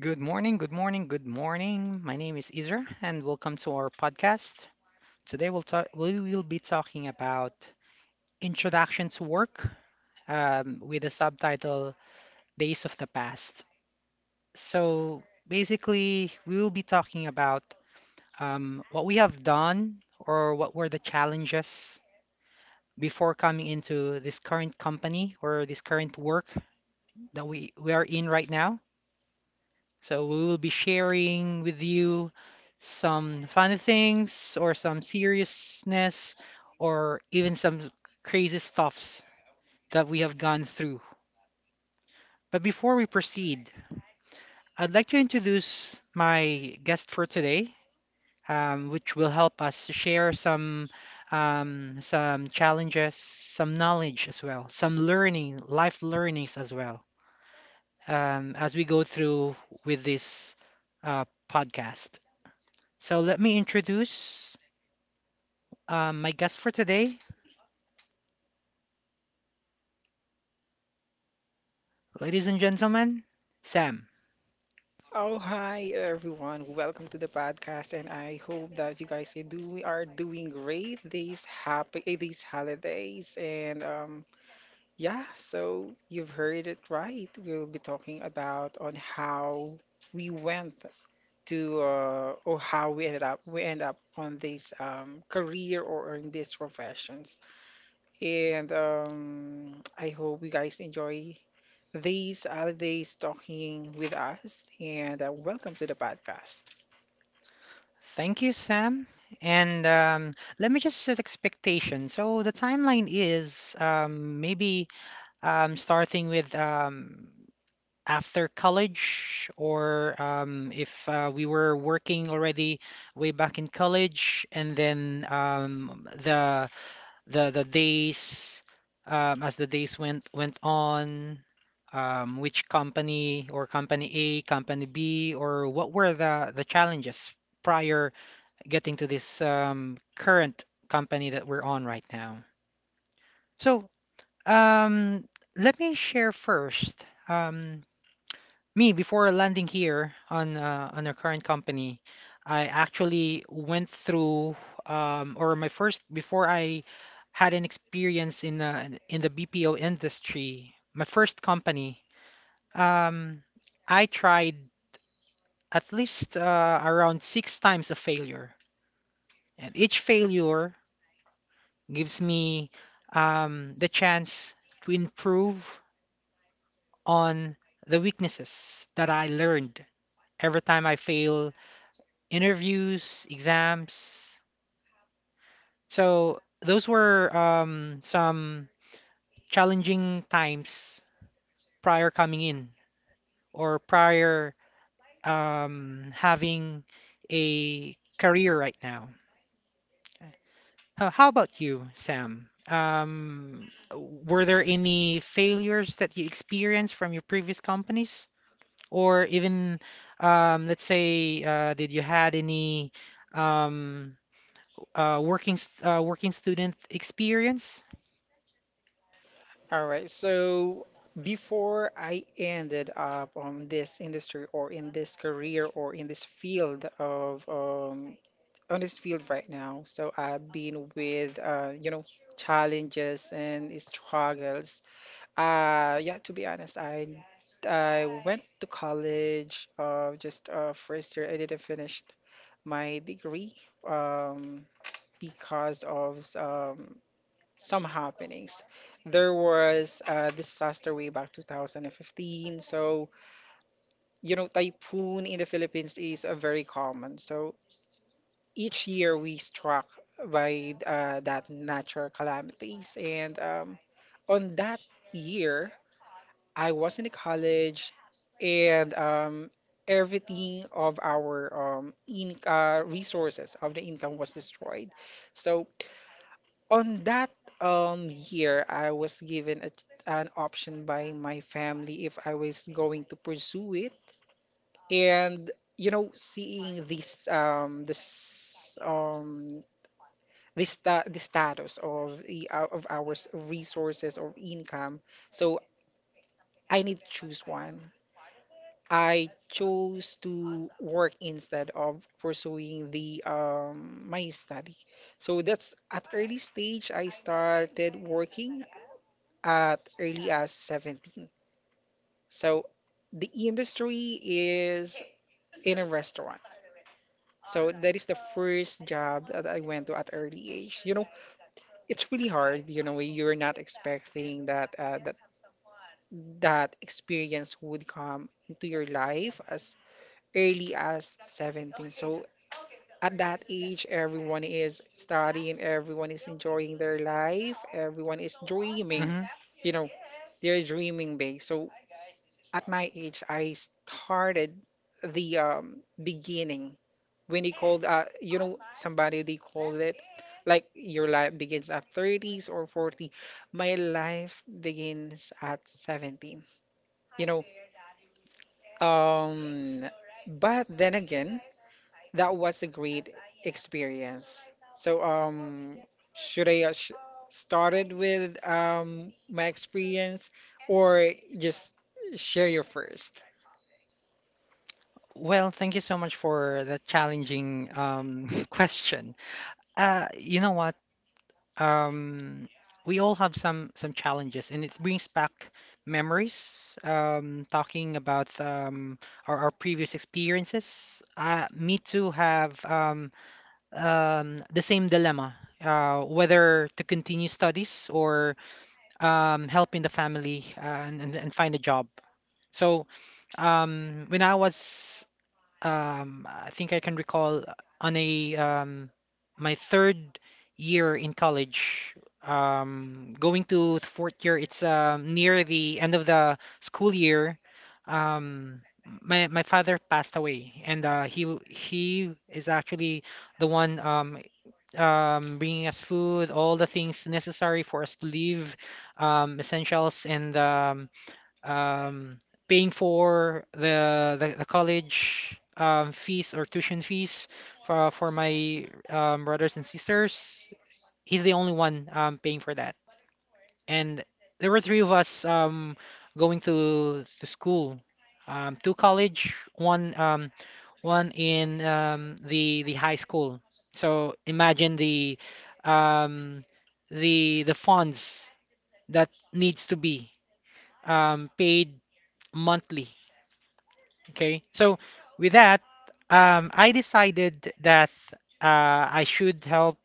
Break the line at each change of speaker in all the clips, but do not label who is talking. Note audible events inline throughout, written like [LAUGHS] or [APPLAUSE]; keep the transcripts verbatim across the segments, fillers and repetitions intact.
Good morning, good morning, good morning. My name is Izer and welcome to our podcast. Today we'll talk we will be talking about introduction to work um, with the subtitle Days of the Past. So basically we will be talking about um, what we have done or what were the challenges before coming into this current company or this current work that we, we are in right now. So we will be sharing with you some funny things or some seriousness or even some crazy stuffs that we have gone through. But before we proceed, I'd like to introduce my guest for today, um, which will help us to share some um, some challenges, some knowledge as well, some learning, life learnings as well, um, as we go through with this uh, podcast. So let me introduce uh, my guest for today, ladies and gentlemen, Sam.
Oh, hi everyone. Welcome to the podcast and I hope that you guys are doing are doing great these happy eh, these holidays and um yeah, so you've heard it right. We'll be talking about on how we went to uh, or how we ended up we end up on this um, career or in these professions. And um, I hope you guys enjoy these holidays talking with us. And uh, welcome to the podcast.
Thank you, Sam. And um, let me just set expectations. So the timeline is um, maybe um, starting with um, after college, or um, if uh, we were working already way back in college, and then um, the the the days um, as the days went went on, um, which company or company A, company B, or what were the the challenges prior getting to this um, current company that we're on right now? So um, let me share first. Um, me, before landing here on uh, on our current company, I actually went through um, or my first before I had an experience in the in the B P O industry. My first company, um, I tried at least uh, around six times a failure, and each failure gives me um, the chance to improve on the weaknesses that I learned every time I fail interviews, exams. So those were um, some challenging times prior coming in or prior um, having a career right now. How, how about you, Sam? Um, were there any failures that you experienced from your previous companies? Or even, um, let's say, uh, did you had any um, uh, working st- uh, working student experience.
All right. So before I ended up on this industry or in this career or in this field of um, on this field right now, so I've been with uh, you know challenges and struggles. Uh, yeah, to be honest, I I went to college, uh, just uh, first year. I didn't finish my degree, um, because of um, some happenings. There was a disaster way back two thousand fifteen. So, you know, typhoon in the Philippines is uh, very common. So each year we struck by uh, that natural calamities, and um, on that year I was in the college, and um, everything of our um, in uh, resources of the income was destroyed. So on that um, year, I was given a, an option by my family if I was going to pursue it. And you know, seeing this um, this um, this sta the status of the, of our s- resources or income, so I need to choose one. I chose to work instead of pursuing the um, my study. So that's at early stage I started working at early as seventeen. So the industry is in a restaurant. So that is the first job that I went to at early age. You know, it's really hard. You know, you're not expecting that uh, that that experience would come into your life as early as seventeen. So at that age, everyone is studying, everyone is enjoying their life, everyone is dreaming.
Hmm.
You know, they're dreaming big. So at my age, I started the um, beginning when they called, uh, you know, somebody they called it like your life begins at thirties or forty. My life begins at seventeen. You know, um, but then again, that was a great experience. So, um, should I uh, sh started with um my experience or just share your first.
Well, thank you so much for that challenging um, [LAUGHS] question. Uh, you know what? Um, we all have some some challenges, and it brings back memories. Um, talking about um, our, our previous experiences. Uh, me too have um, um, the same dilemma. Uh, whether to continue studies or um, help in the family uh, and, and, and find a job. So, um, when I was, um, I think I can recall on a um, my third year in college, um, going to the fourth year, it's um, near the end of the school year. Um, my my father passed away, and uh, he w- he is actually the one um, um, bringing us food, all the things necessary for us to live, um, essentials, and um, um, paying for the, the, the college um, fees or tuition fees for, for my um, brothers and sisters. He's the only one um, paying for that. And there were three of us um, going to, to school, um, two college, one um, one in um, the the high school. So imagine the um, the the funds that needs to be um, paid monthly. Okay. So with that, um, I decided that uh, I should help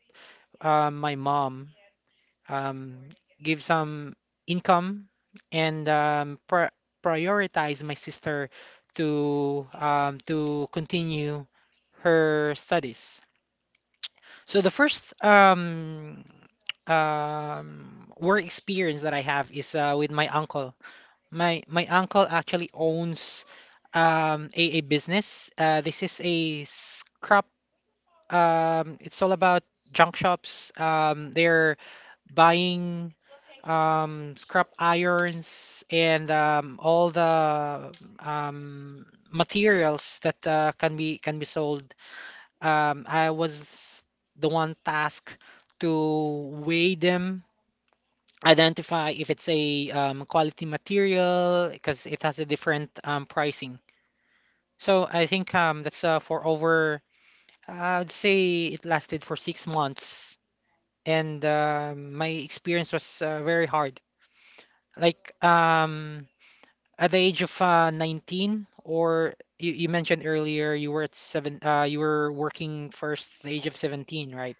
uh, my mom, um, give some income and um, pri prioritize my sister to um, to continue her studies. So the first um, um, work experience that I have is uh, with my uncle. My my uncle actually owns um a, a business. Uh, this is a scrap. Um, it's all about junk shops. Um, they're buying um scrap irons and um all the um materials that uh, can be can be sold. Um, I was the one tasked to weigh them, identify if it's a um, quality material because it has a different um, pricing. So I think um, that's uh, for over, uh, I'd say it lasted for six months, and um my experience was uh, very hard. Like um, at the age of uh, nineteen, or you, you mentioned earlier you were at seven, uh, you were working first the age of seventeen, right?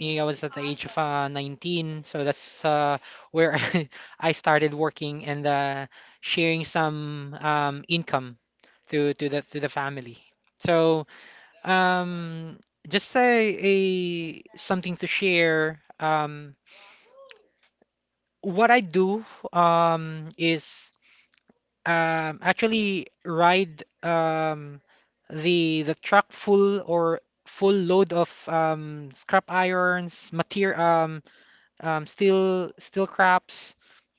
Me, I was at the age of uh, nineteen, so that's uh, where [LAUGHS] I started working and uh, sharing some um, income to to the to the family. So um, just a, a something to share. Um, what I do um, is um, actually ride um, the the truck full or full load of um, scrap irons, material, um, um, steel steel scraps,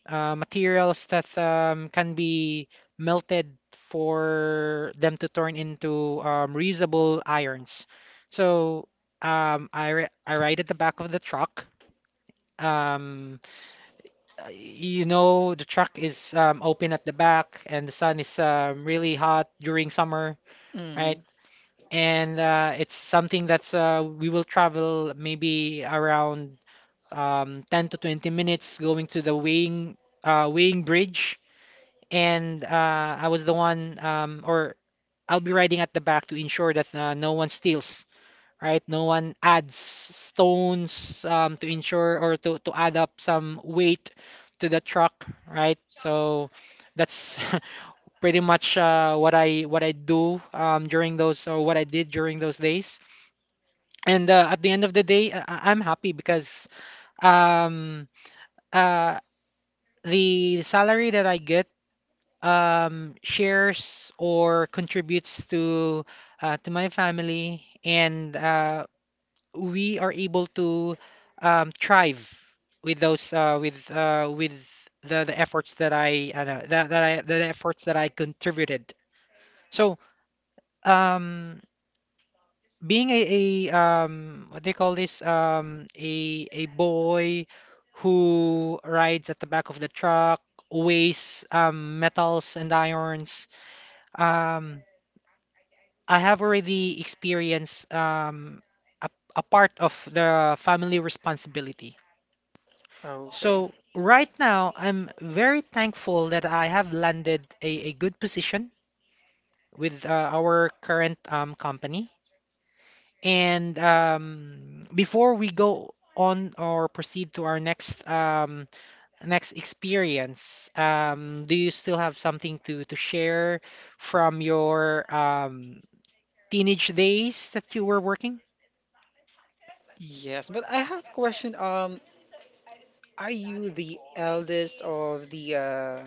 uh, materials that um, can be melted for them to turn into um, reusable irons. So um, I ri- I ride at the back of the truck. Um, uh, you know, the truck is um, open at the back and the sun is um, really hot during summer, right?
Hmm.
And uh, it's something that's uh, we will travel maybe around um, ten to twenty minutes going to the weighing uh, weighing bridge. And uh, I was the one, um, or I'll be riding at the back to ensure that uh, no one steals, right? No one adds stones um, to ensure or to, to add up some weight to the truck, right? So that's [LAUGHS] pretty much uh, what I what I do um, during those, or what I did during those days. And uh, at the end of the day, I- I- I'm happy because um, uh, the salary that I get um, shares or contributes to uh, to my family, and uh, we are able to um, thrive with those uh, with uh, with the, the efforts that I uh, no, that, that I the efforts that I contributed. So um, being a, a um, what do you call this, um, a a boy who rides at the back of the truck, weighs um, metals and irons. Um, I have already experienced um, a, a part of the family responsibility.
Okay.
So right now, I'm very thankful that I have landed a, a good position with uh, our current um, company. And um, before we go on or proceed to our next um, next experience, um, do you still have something to, to share from your um, teenage days that you were working?
Yes, but I have a question. Um, are you the eldest of the uh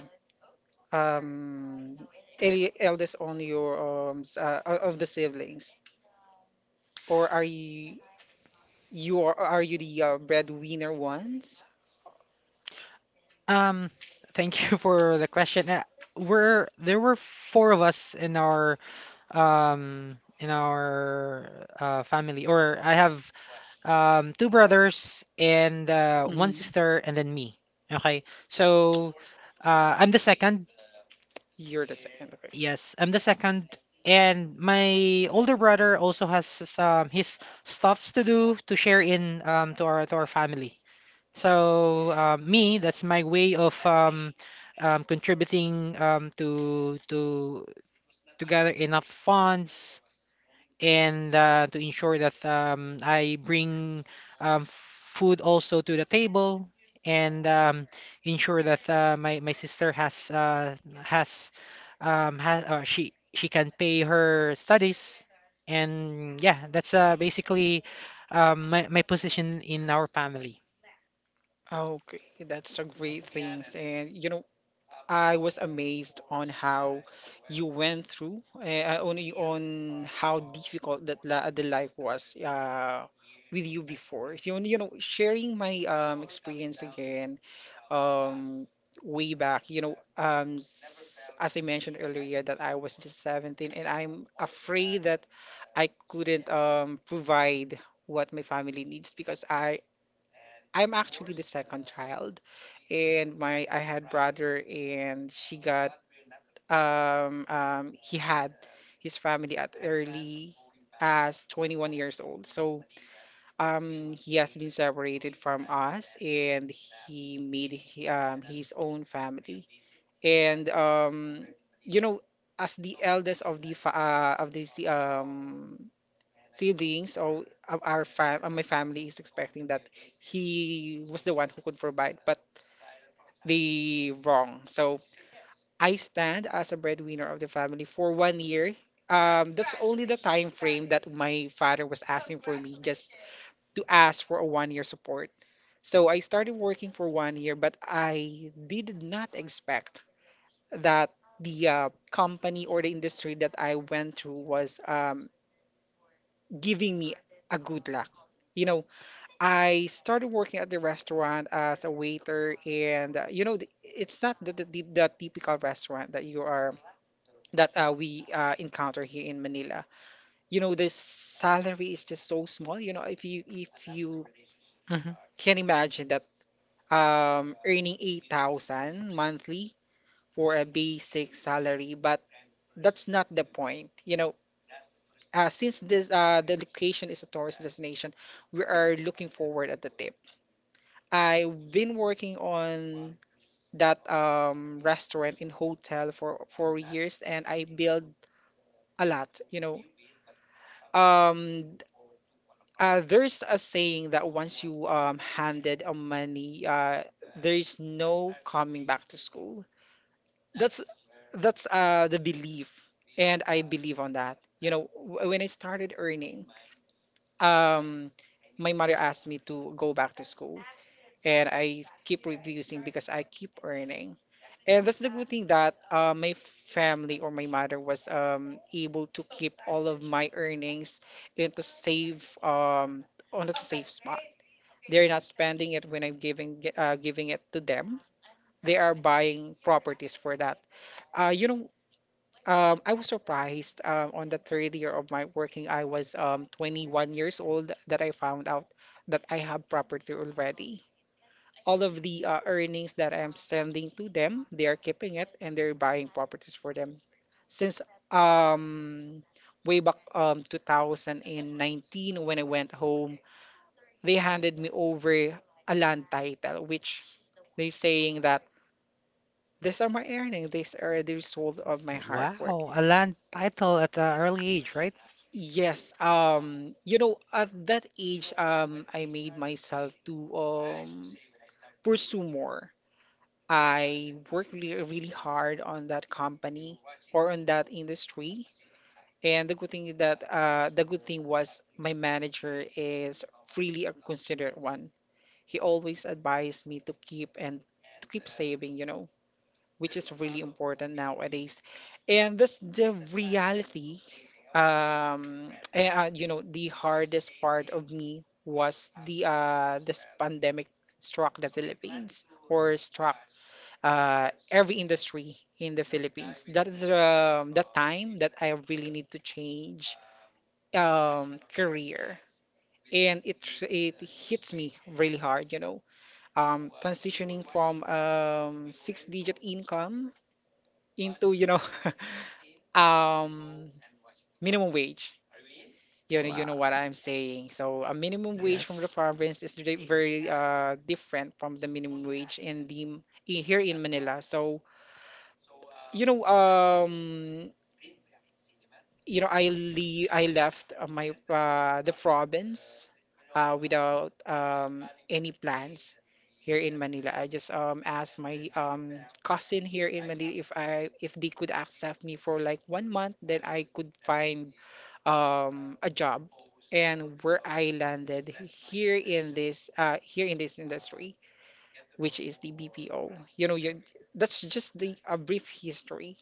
um el- eldest on your um s- uh, o- of the siblings, or are you? You are, are you the uh, breadwinner ones?
Um, thank [LAUGHS] you for the question. Uh, we're, there were four of us in our um in our uh, family, or I have um two brothers and uh, one
Hmm.
sister and then me. Okay. So uh, I'm the second.
You're the second. Okay.
Yes, I'm the second and my older brother also has some his stuffs to do to share in um to our to our family. So um, me, that's my way of um, um, contributing um, to to to gather enough funds and uh, to ensure that um, I bring um, food also to the table and um, ensure that uh, my my sister has uh, has um, has uh, she she can pay her studies, and yeah, that's uh, basically um, my my position in our family.
Okay, that's a great thing. And you know, I was amazed on how you went through, eh, uh, on on how difficult that la the life was uh, with you before. You, you know, sharing my um, experience again, um, way back. You know, um, s- as I mentioned earlier, that I was just seventeen, and I'm afraid that I couldn't um, provide what my family needs because I I'm actually the second child, and my I had brother, and she got um um he had his family at early as twenty-one years old. So um he has been separated from us, and he made he, um his own family. And um you know as the eldest of the fa uh, of these um siblings, so of our fam uh, my family is expecting that he was the one who could provide, but they wrong. So I stand as a breadwinner of the family for one year. Um, that's only the time frame that my father was asking for me just to ask for a one year support. So I started working for one year, but I did not expect that the uh, company or the industry that I went through was um, giving me a good luck. You know, I started working at the restaurant as a waiter, and uh, you know, the- it's not the, the, the the typical restaurant that you are that uh, we uh, encounter here in Manila. You know, the salary is just so small. You know, if you if you
Mm-hmm.
can imagine that um, earning eight thousand monthly for a basic salary, but that's not the point. You know, uh, since this uh, the location is a tourist destination, we are looking forward at the tip. I've been working on that um restaurant in hotel for for years and I build a lot, you know. Um uh, there's a saying that once you um handed a money, uh there's no coming back to school. That's that's uh the belief and I believe on that. You know, w- when I started earning, um my mother asked me to go back to school and I keep reducing because I keep earning. And that's the good thing that uh, my family or my mother was um, able to keep all of my earnings into safe um, on a safe spot. They're not spending it when I'm giving uh, giving it to them. They are buying properties for that. Uh, you know, um, I was surprised um, on the third year of my working. I was um, twenty-one years old that I found out that I have property already. All of the uh, earnings that I'm sending to them, they are keeping it and they're buying properties for them. Since um way back um two thousand nineteen when I went home, they handed me over a land title, which they saying that these are my earnings, these are the result of my hard work.
Wow, a land title at an early age, right?
Yes, um, you know, at that age, um, I made myself to um pursue more. I worked really, really hard on that company or on that industry. And the good thing is that uh, the good thing was my manager is really a considerate one. He always advised me to keep and to keep saving, you know which is really important nowadays. And that's the reality. Um, eh, uh, you know, the hardest part of me was the uh, this pandemic struck the Philippines or struck uh, every industry in the Philippines. That is um, the time that I really need to change um, career, and it it hits me really hard. You know um, transitioning from um, six-digit income into, you know, [LAUGHS] um, minimum wage. You know, you
Wow,
know what I'm saying. So a minimum wage from the
yes.
province is re- very uh, different from the minimum wage in the in, here in Manila. So you know, um, you know, I leave, I left uh, my uh, the province uh, without um, any plans here in Manila. I just um, asked my um, cousin here in Manila if I if they could accept me for like one month, then I could find um, a job. And where I landed here in this uh, here in this industry, which is the B P O. You know, you that's just the a brief history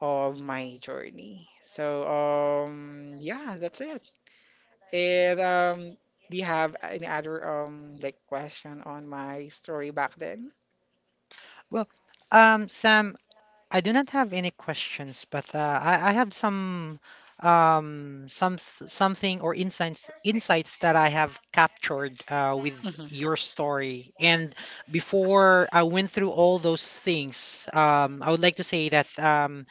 of my journey. So, um, yeah, that's it. And um, do you have any other um like question on my story back then?
Well, um, Sam, I do not have any questions, but uh, I, I have some um some something or insights insights that I have captured uh, with
Mhm.
your story. And before I went through all those things, um, I would like to say that um,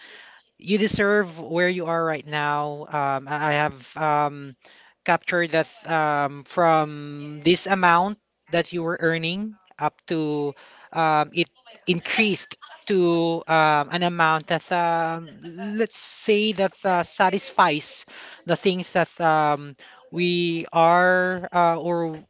you deserve where you are right now. Um, I I have um, captured that um, from this amount that you were earning up to um, it increased to um, an amount that um, let's say that uh, satisfies the things that um, we are uh, or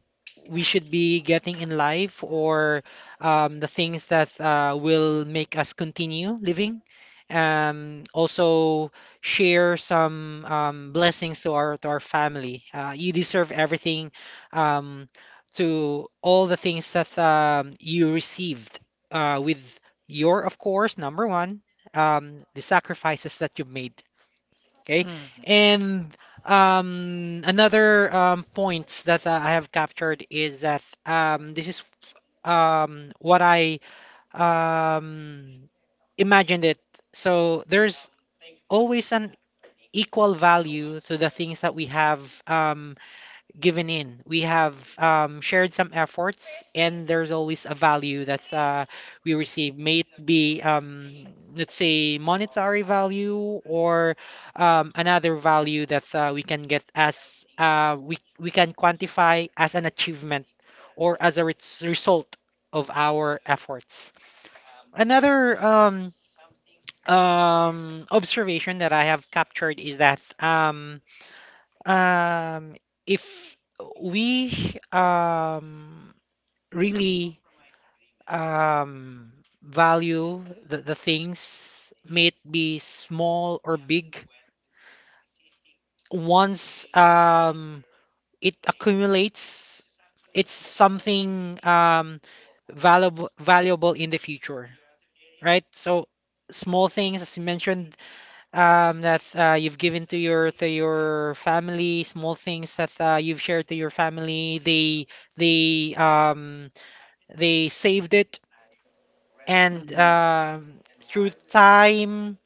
we should be getting in life or um, the things that uh, will make us continue living, um, also share some um, blessings to our to our family. Uh, you deserve everything, um, to all the things that um, you received uh, with your, of course, number one, um, the sacrifices that you've made. Okay,
Mm.
and um, another um, point that uh, I have captured is that um, this is um, what I um, imagined it. So there's always an equal value to the things that we have um, given in. We have um, shared some efforts, and there's always a value that uh, we receive, may it be, um, let's say, monetary value, or um, another value that uh, we can get as uh, we, we can quantify as an achievement or as a res- result of our efforts. Another um, um observation that I have captured is that um um if we um really um value the, the things, may it be small or big, once um it accumulates, it's something um valuable valuable in the future, right? So small things, as you mentioned, um, that uh, you've given to your to your family, small things that uh, you've shared to your family. They they um, they saved it, and
Mm.
um, through time,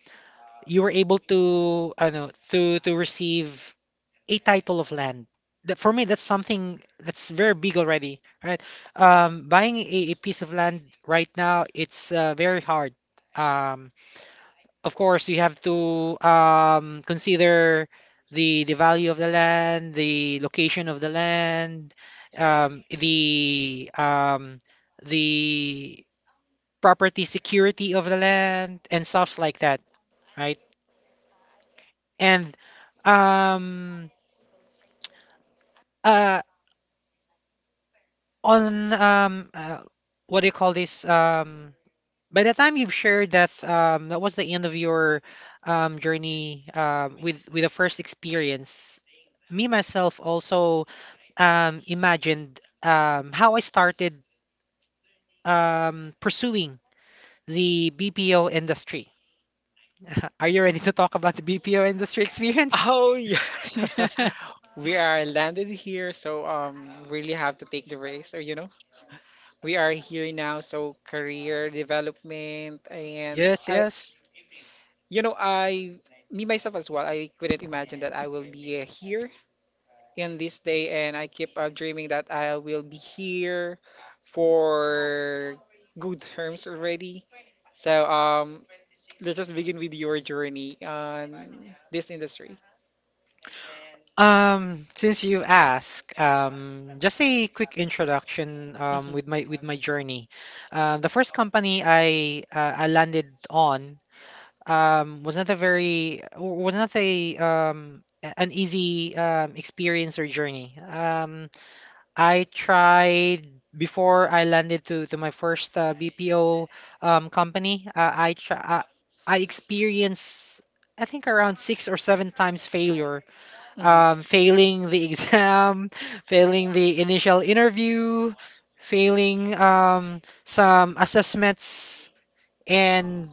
you were able to, I know, to to receive a title of land. That for me, that's something that's very big already, right? Um, buying a, a piece of land right now, it's uh, very hard. Um, of course, you have to um, consider the the value of the land, the location of the land, um, the um, the property security of the land, and stuff like that, right? And um, uh, on um, uh, What do you call this? Um, By the time you've shared that, um, that was the end of your um, journey um, with with the first experience. Me, myself, also um, imagined um, how I started um, pursuing the B P O industry. [LAUGHS] Are you ready to talk about the B P O industry experience?
Oh yeah.
[LAUGHS]
[LAUGHS] We are landed here, so um really have to take the risk, or you know. We are here now, so career development and
Yes,
I
yes.
you know, I me myself as well, I couldn't imagine that I will be uh, here in this day and I keep uh, dreaming that I will be here for good terms already. So um let's just begin with your journey on this industry.
Um, since you ask, um, just a quick introduction um,
Mhm.
with my with my journey. Um, the first company I uh, I landed on um, was not a very w- was not a um, a- an easy um, experience or journey. Um, I tried before I landed to to my first uh, B P O um, company. Uh, I try I, I experienced, I think, around six or seven times failure,
Mhm.
um, failing the exam, [LAUGHS] failing the initial interview, failing um, some assessments, and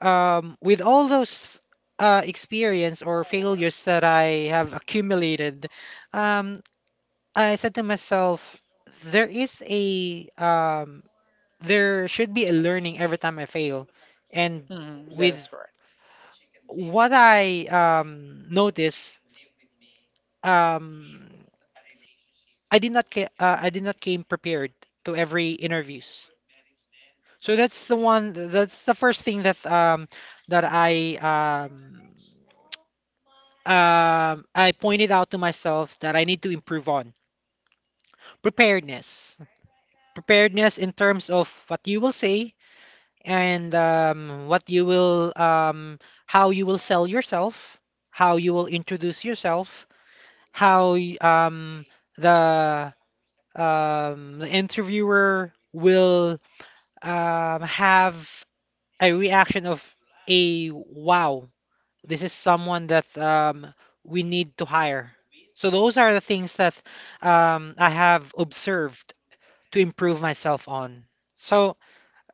um, with all those uh, experience or failures that I have accumulated, um, I said to myself, there is a um, there should be a learning every time I fail, and
Mhm. That is.
with what I um, noticed. Um, I did not ca- uh, I did not came prepared to every interviews. So that's the one that's the first thing that um that I um um I pointed out to myself that I need to improve on preparedness. Preparedness in terms of what you will say, and um, what you will um, how you will sell yourself, how you will introduce yourself, how y- um the um the interviewer will um, have a reaction of a wow, this is someone that um, we need to hire. So those are the things that um, I have observed to improve myself on. So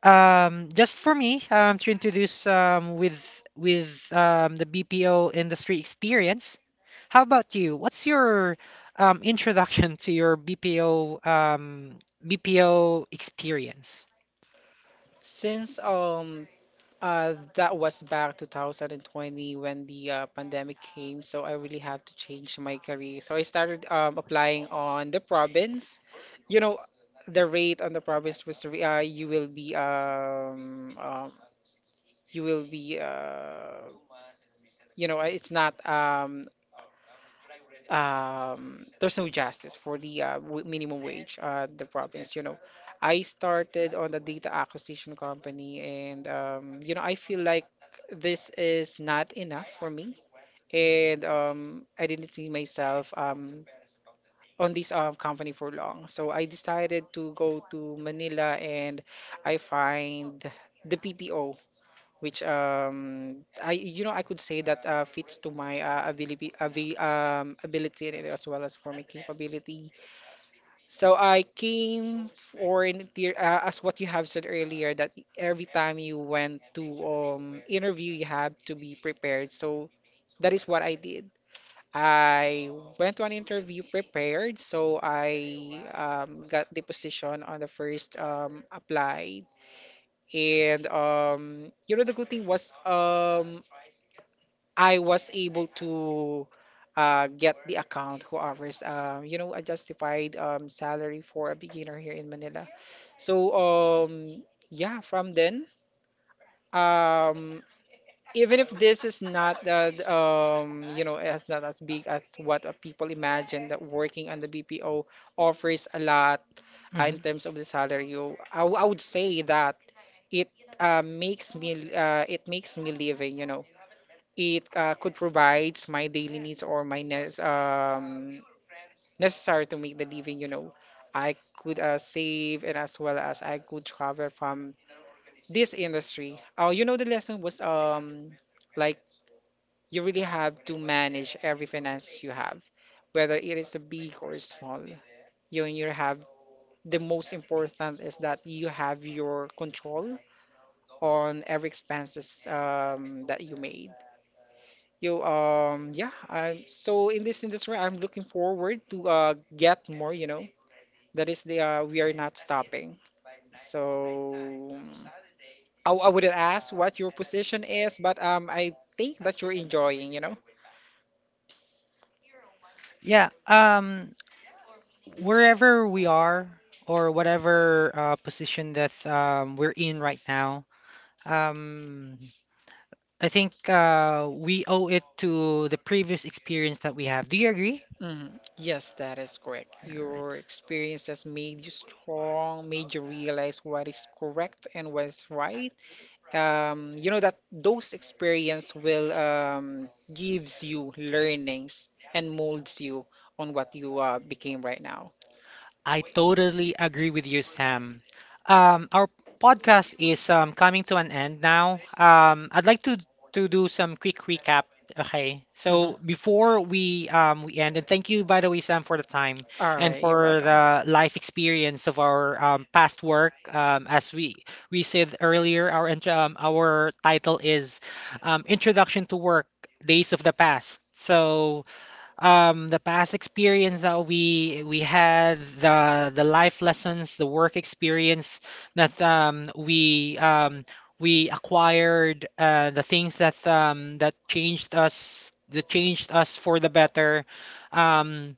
um, just for me um, to introduce um, with with um, the B P O industry experience, how about you? What's your um, introduction to your B P O um, B P O experience?
Since um uh that was back two thousand twenty when the uh, pandemic came, so I really have to change my career. So I started um applying on the province. You know, the rate on the province was re- uh, you will be um, um you will be uh you know it's not um um there's no justice for the uh, w- minimum wage uh the province. you know I started on a data acquisition company, and um, you know, I feel like this is not enough for me, and um, I didn't see myself um, on this um, company for long. So I decided to go to Manila and I find the P P O, which um I you know I could say that uh, fits to my uh, ability avi- um, ability and as well as for my capability. So I came for an inter- uh, as what you have said earlier that every time you went to um interview you have to be prepared. So that is what I did. I went to an interview prepared, so I um, got the position on the first um, apply. And um, you know, the good thing was um, I was able to uh, get the account who offers, uh, you know, a justified um, salary for a beginner here in Manila. So, um, yeah, from then, um, even if this is not that, um, you know, as not as big as what uh, people imagine that working on the B P O offers a lot uh, in terms of the salary, you, I, w- I would say that it uh, makes me uh, it makes me living you know it uh, Could provides my daily needs or my nes- um, necessary to make the living. you know I could uh, save and as well as I could travel from this industry. Uh, you know the lesson was um like you really have to manage every finance you have whether it is a big or small. You you have. The most important is that you have your control on every expenses um, that you made. You um yeah, I so in this industry I'm looking forward to uh get more, you know. That is the uh, we are not stopping. So I, I wouldn't ask what your position is, but um I think that you're enjoying, you know.
Yeah, um, wherever we are or whatever uh, position that um, we're in right now, um, I think uh, we owe it to the previous experience that we have. Do you agree?
Hmm. Yes, that is correct.
All right.
Your experience has made you strong, made you realize what is correct and what is right. Um, you know that those experience will um, gives you learnings and molds you on what you uh, became right now.
I totally agree with you, Sam. Um, our podcast is um, coming to an end now. Um, I'd like to to do some quick recap. Okay,
Mhm.
so before we um, we end, and thank you, by the way, Sam, for the time
All
and
right, you're
for
welcome.
the life experience of our um, past work. Um, as we we said earlier, our intro, um, our title is um, Introduction to Work: Days of the Past. So um the past experience that we we had, the the life lessons, the work experience that um we um we acquired, uh the things that um that changed us, that changed us for the better, um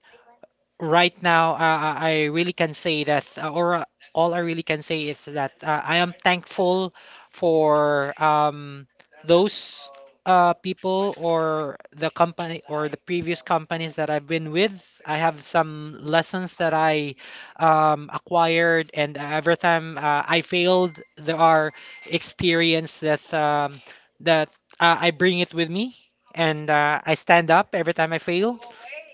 right now, uh, I really can say that uh, or uh, all I really can say is that uh, I am thankful for um those uh, people or the company or the previous companies that I've been with. I have some lessons that I um, acquired, and every time uh, I failed, there are experience that um, that uh, I bring it with me, and uh, I stand up every time I fail,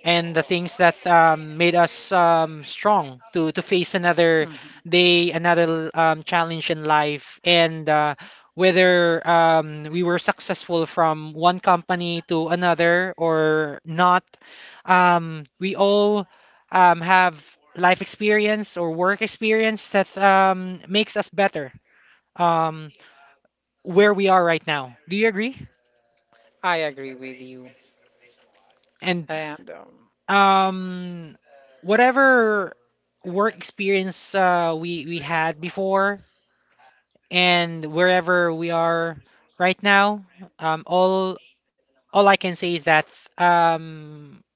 and the things that um, made us um, strong to to face another
Mhm.
day, another um, challenge in life, and uh, whether um, we were successful from one company to another or not. Um, we all um, have life experience or work experience that um, makes us better. Um, where we are right now. Do you agree?
I agree with you.
And
And um,
um, whatever work experience uh, we we had before and wherever we are right now, um, all all I can say is that um,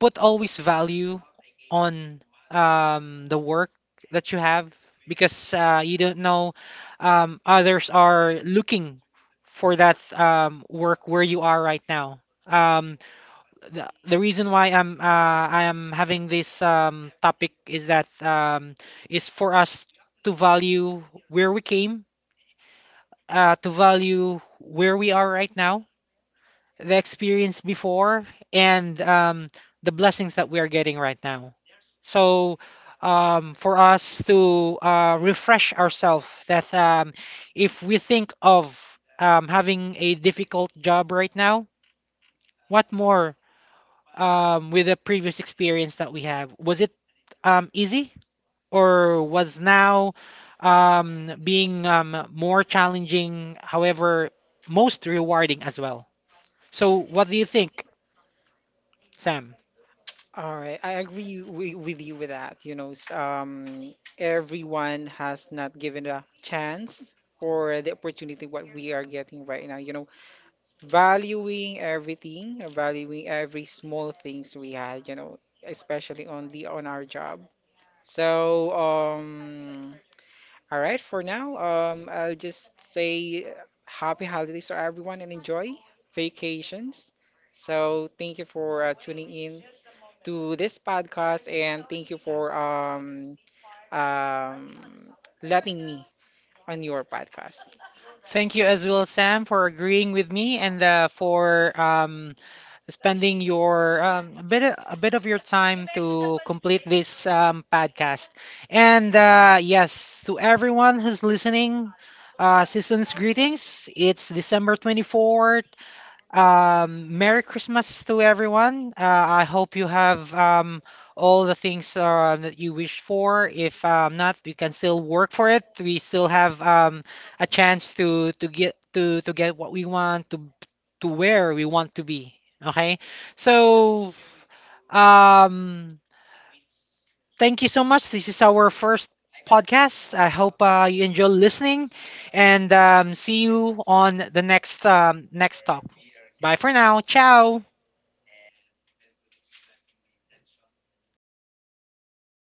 put always value on um, the work that you have, because uh, you don't know um, others are looking for that um, work where you are right now. Um, the, the reason why I'm uh, I am having this um, topic is that um, is for us to value where we came, uh, to value where we are right now, the experience before, and um, the blessings that we are getting right now. So um, for us to uh, refresh ourselves that um, if we think of um, having a difficult job right now, what more um, with the previous experience that we have? Was it um, easy, or was now um, being um, more challenging, however, most rewarding as well. So, what do you think, Sam?
All right, I agree wi- with you with that. You know, s- um, everyone has not given a chance or the opportunity what we are getting right now. You know, valuing everything, valuing every small things we had. You know, especially on the on our job. So, um, all right, for now, um, I'll just say happy holidays to everyone and enjoy vacations. So thank you for uh, tuning in to this podcast and thank you for um, um, letting me on your podcast.
Thank you as well, Sam, for agreeing with me and uh, for um, spending your um, a bit a bit of your time to complete this um, podcast. And uh, yes, to everyone who's listening, uh, season's greetings. It's December twenty fourth. Um, Merry Christmas to everyone. Uh, I hope you have um, all the things uh, that you wish for. If um, not, you can still work for it. We still have um, a chance to to get to to get what we want, to to where we want to be. Okay, so um, thank you so much. This is our first podcast. I hope uh, you enjoy listening, and um, see you on the next um, next talk. Bye for now. Ciao.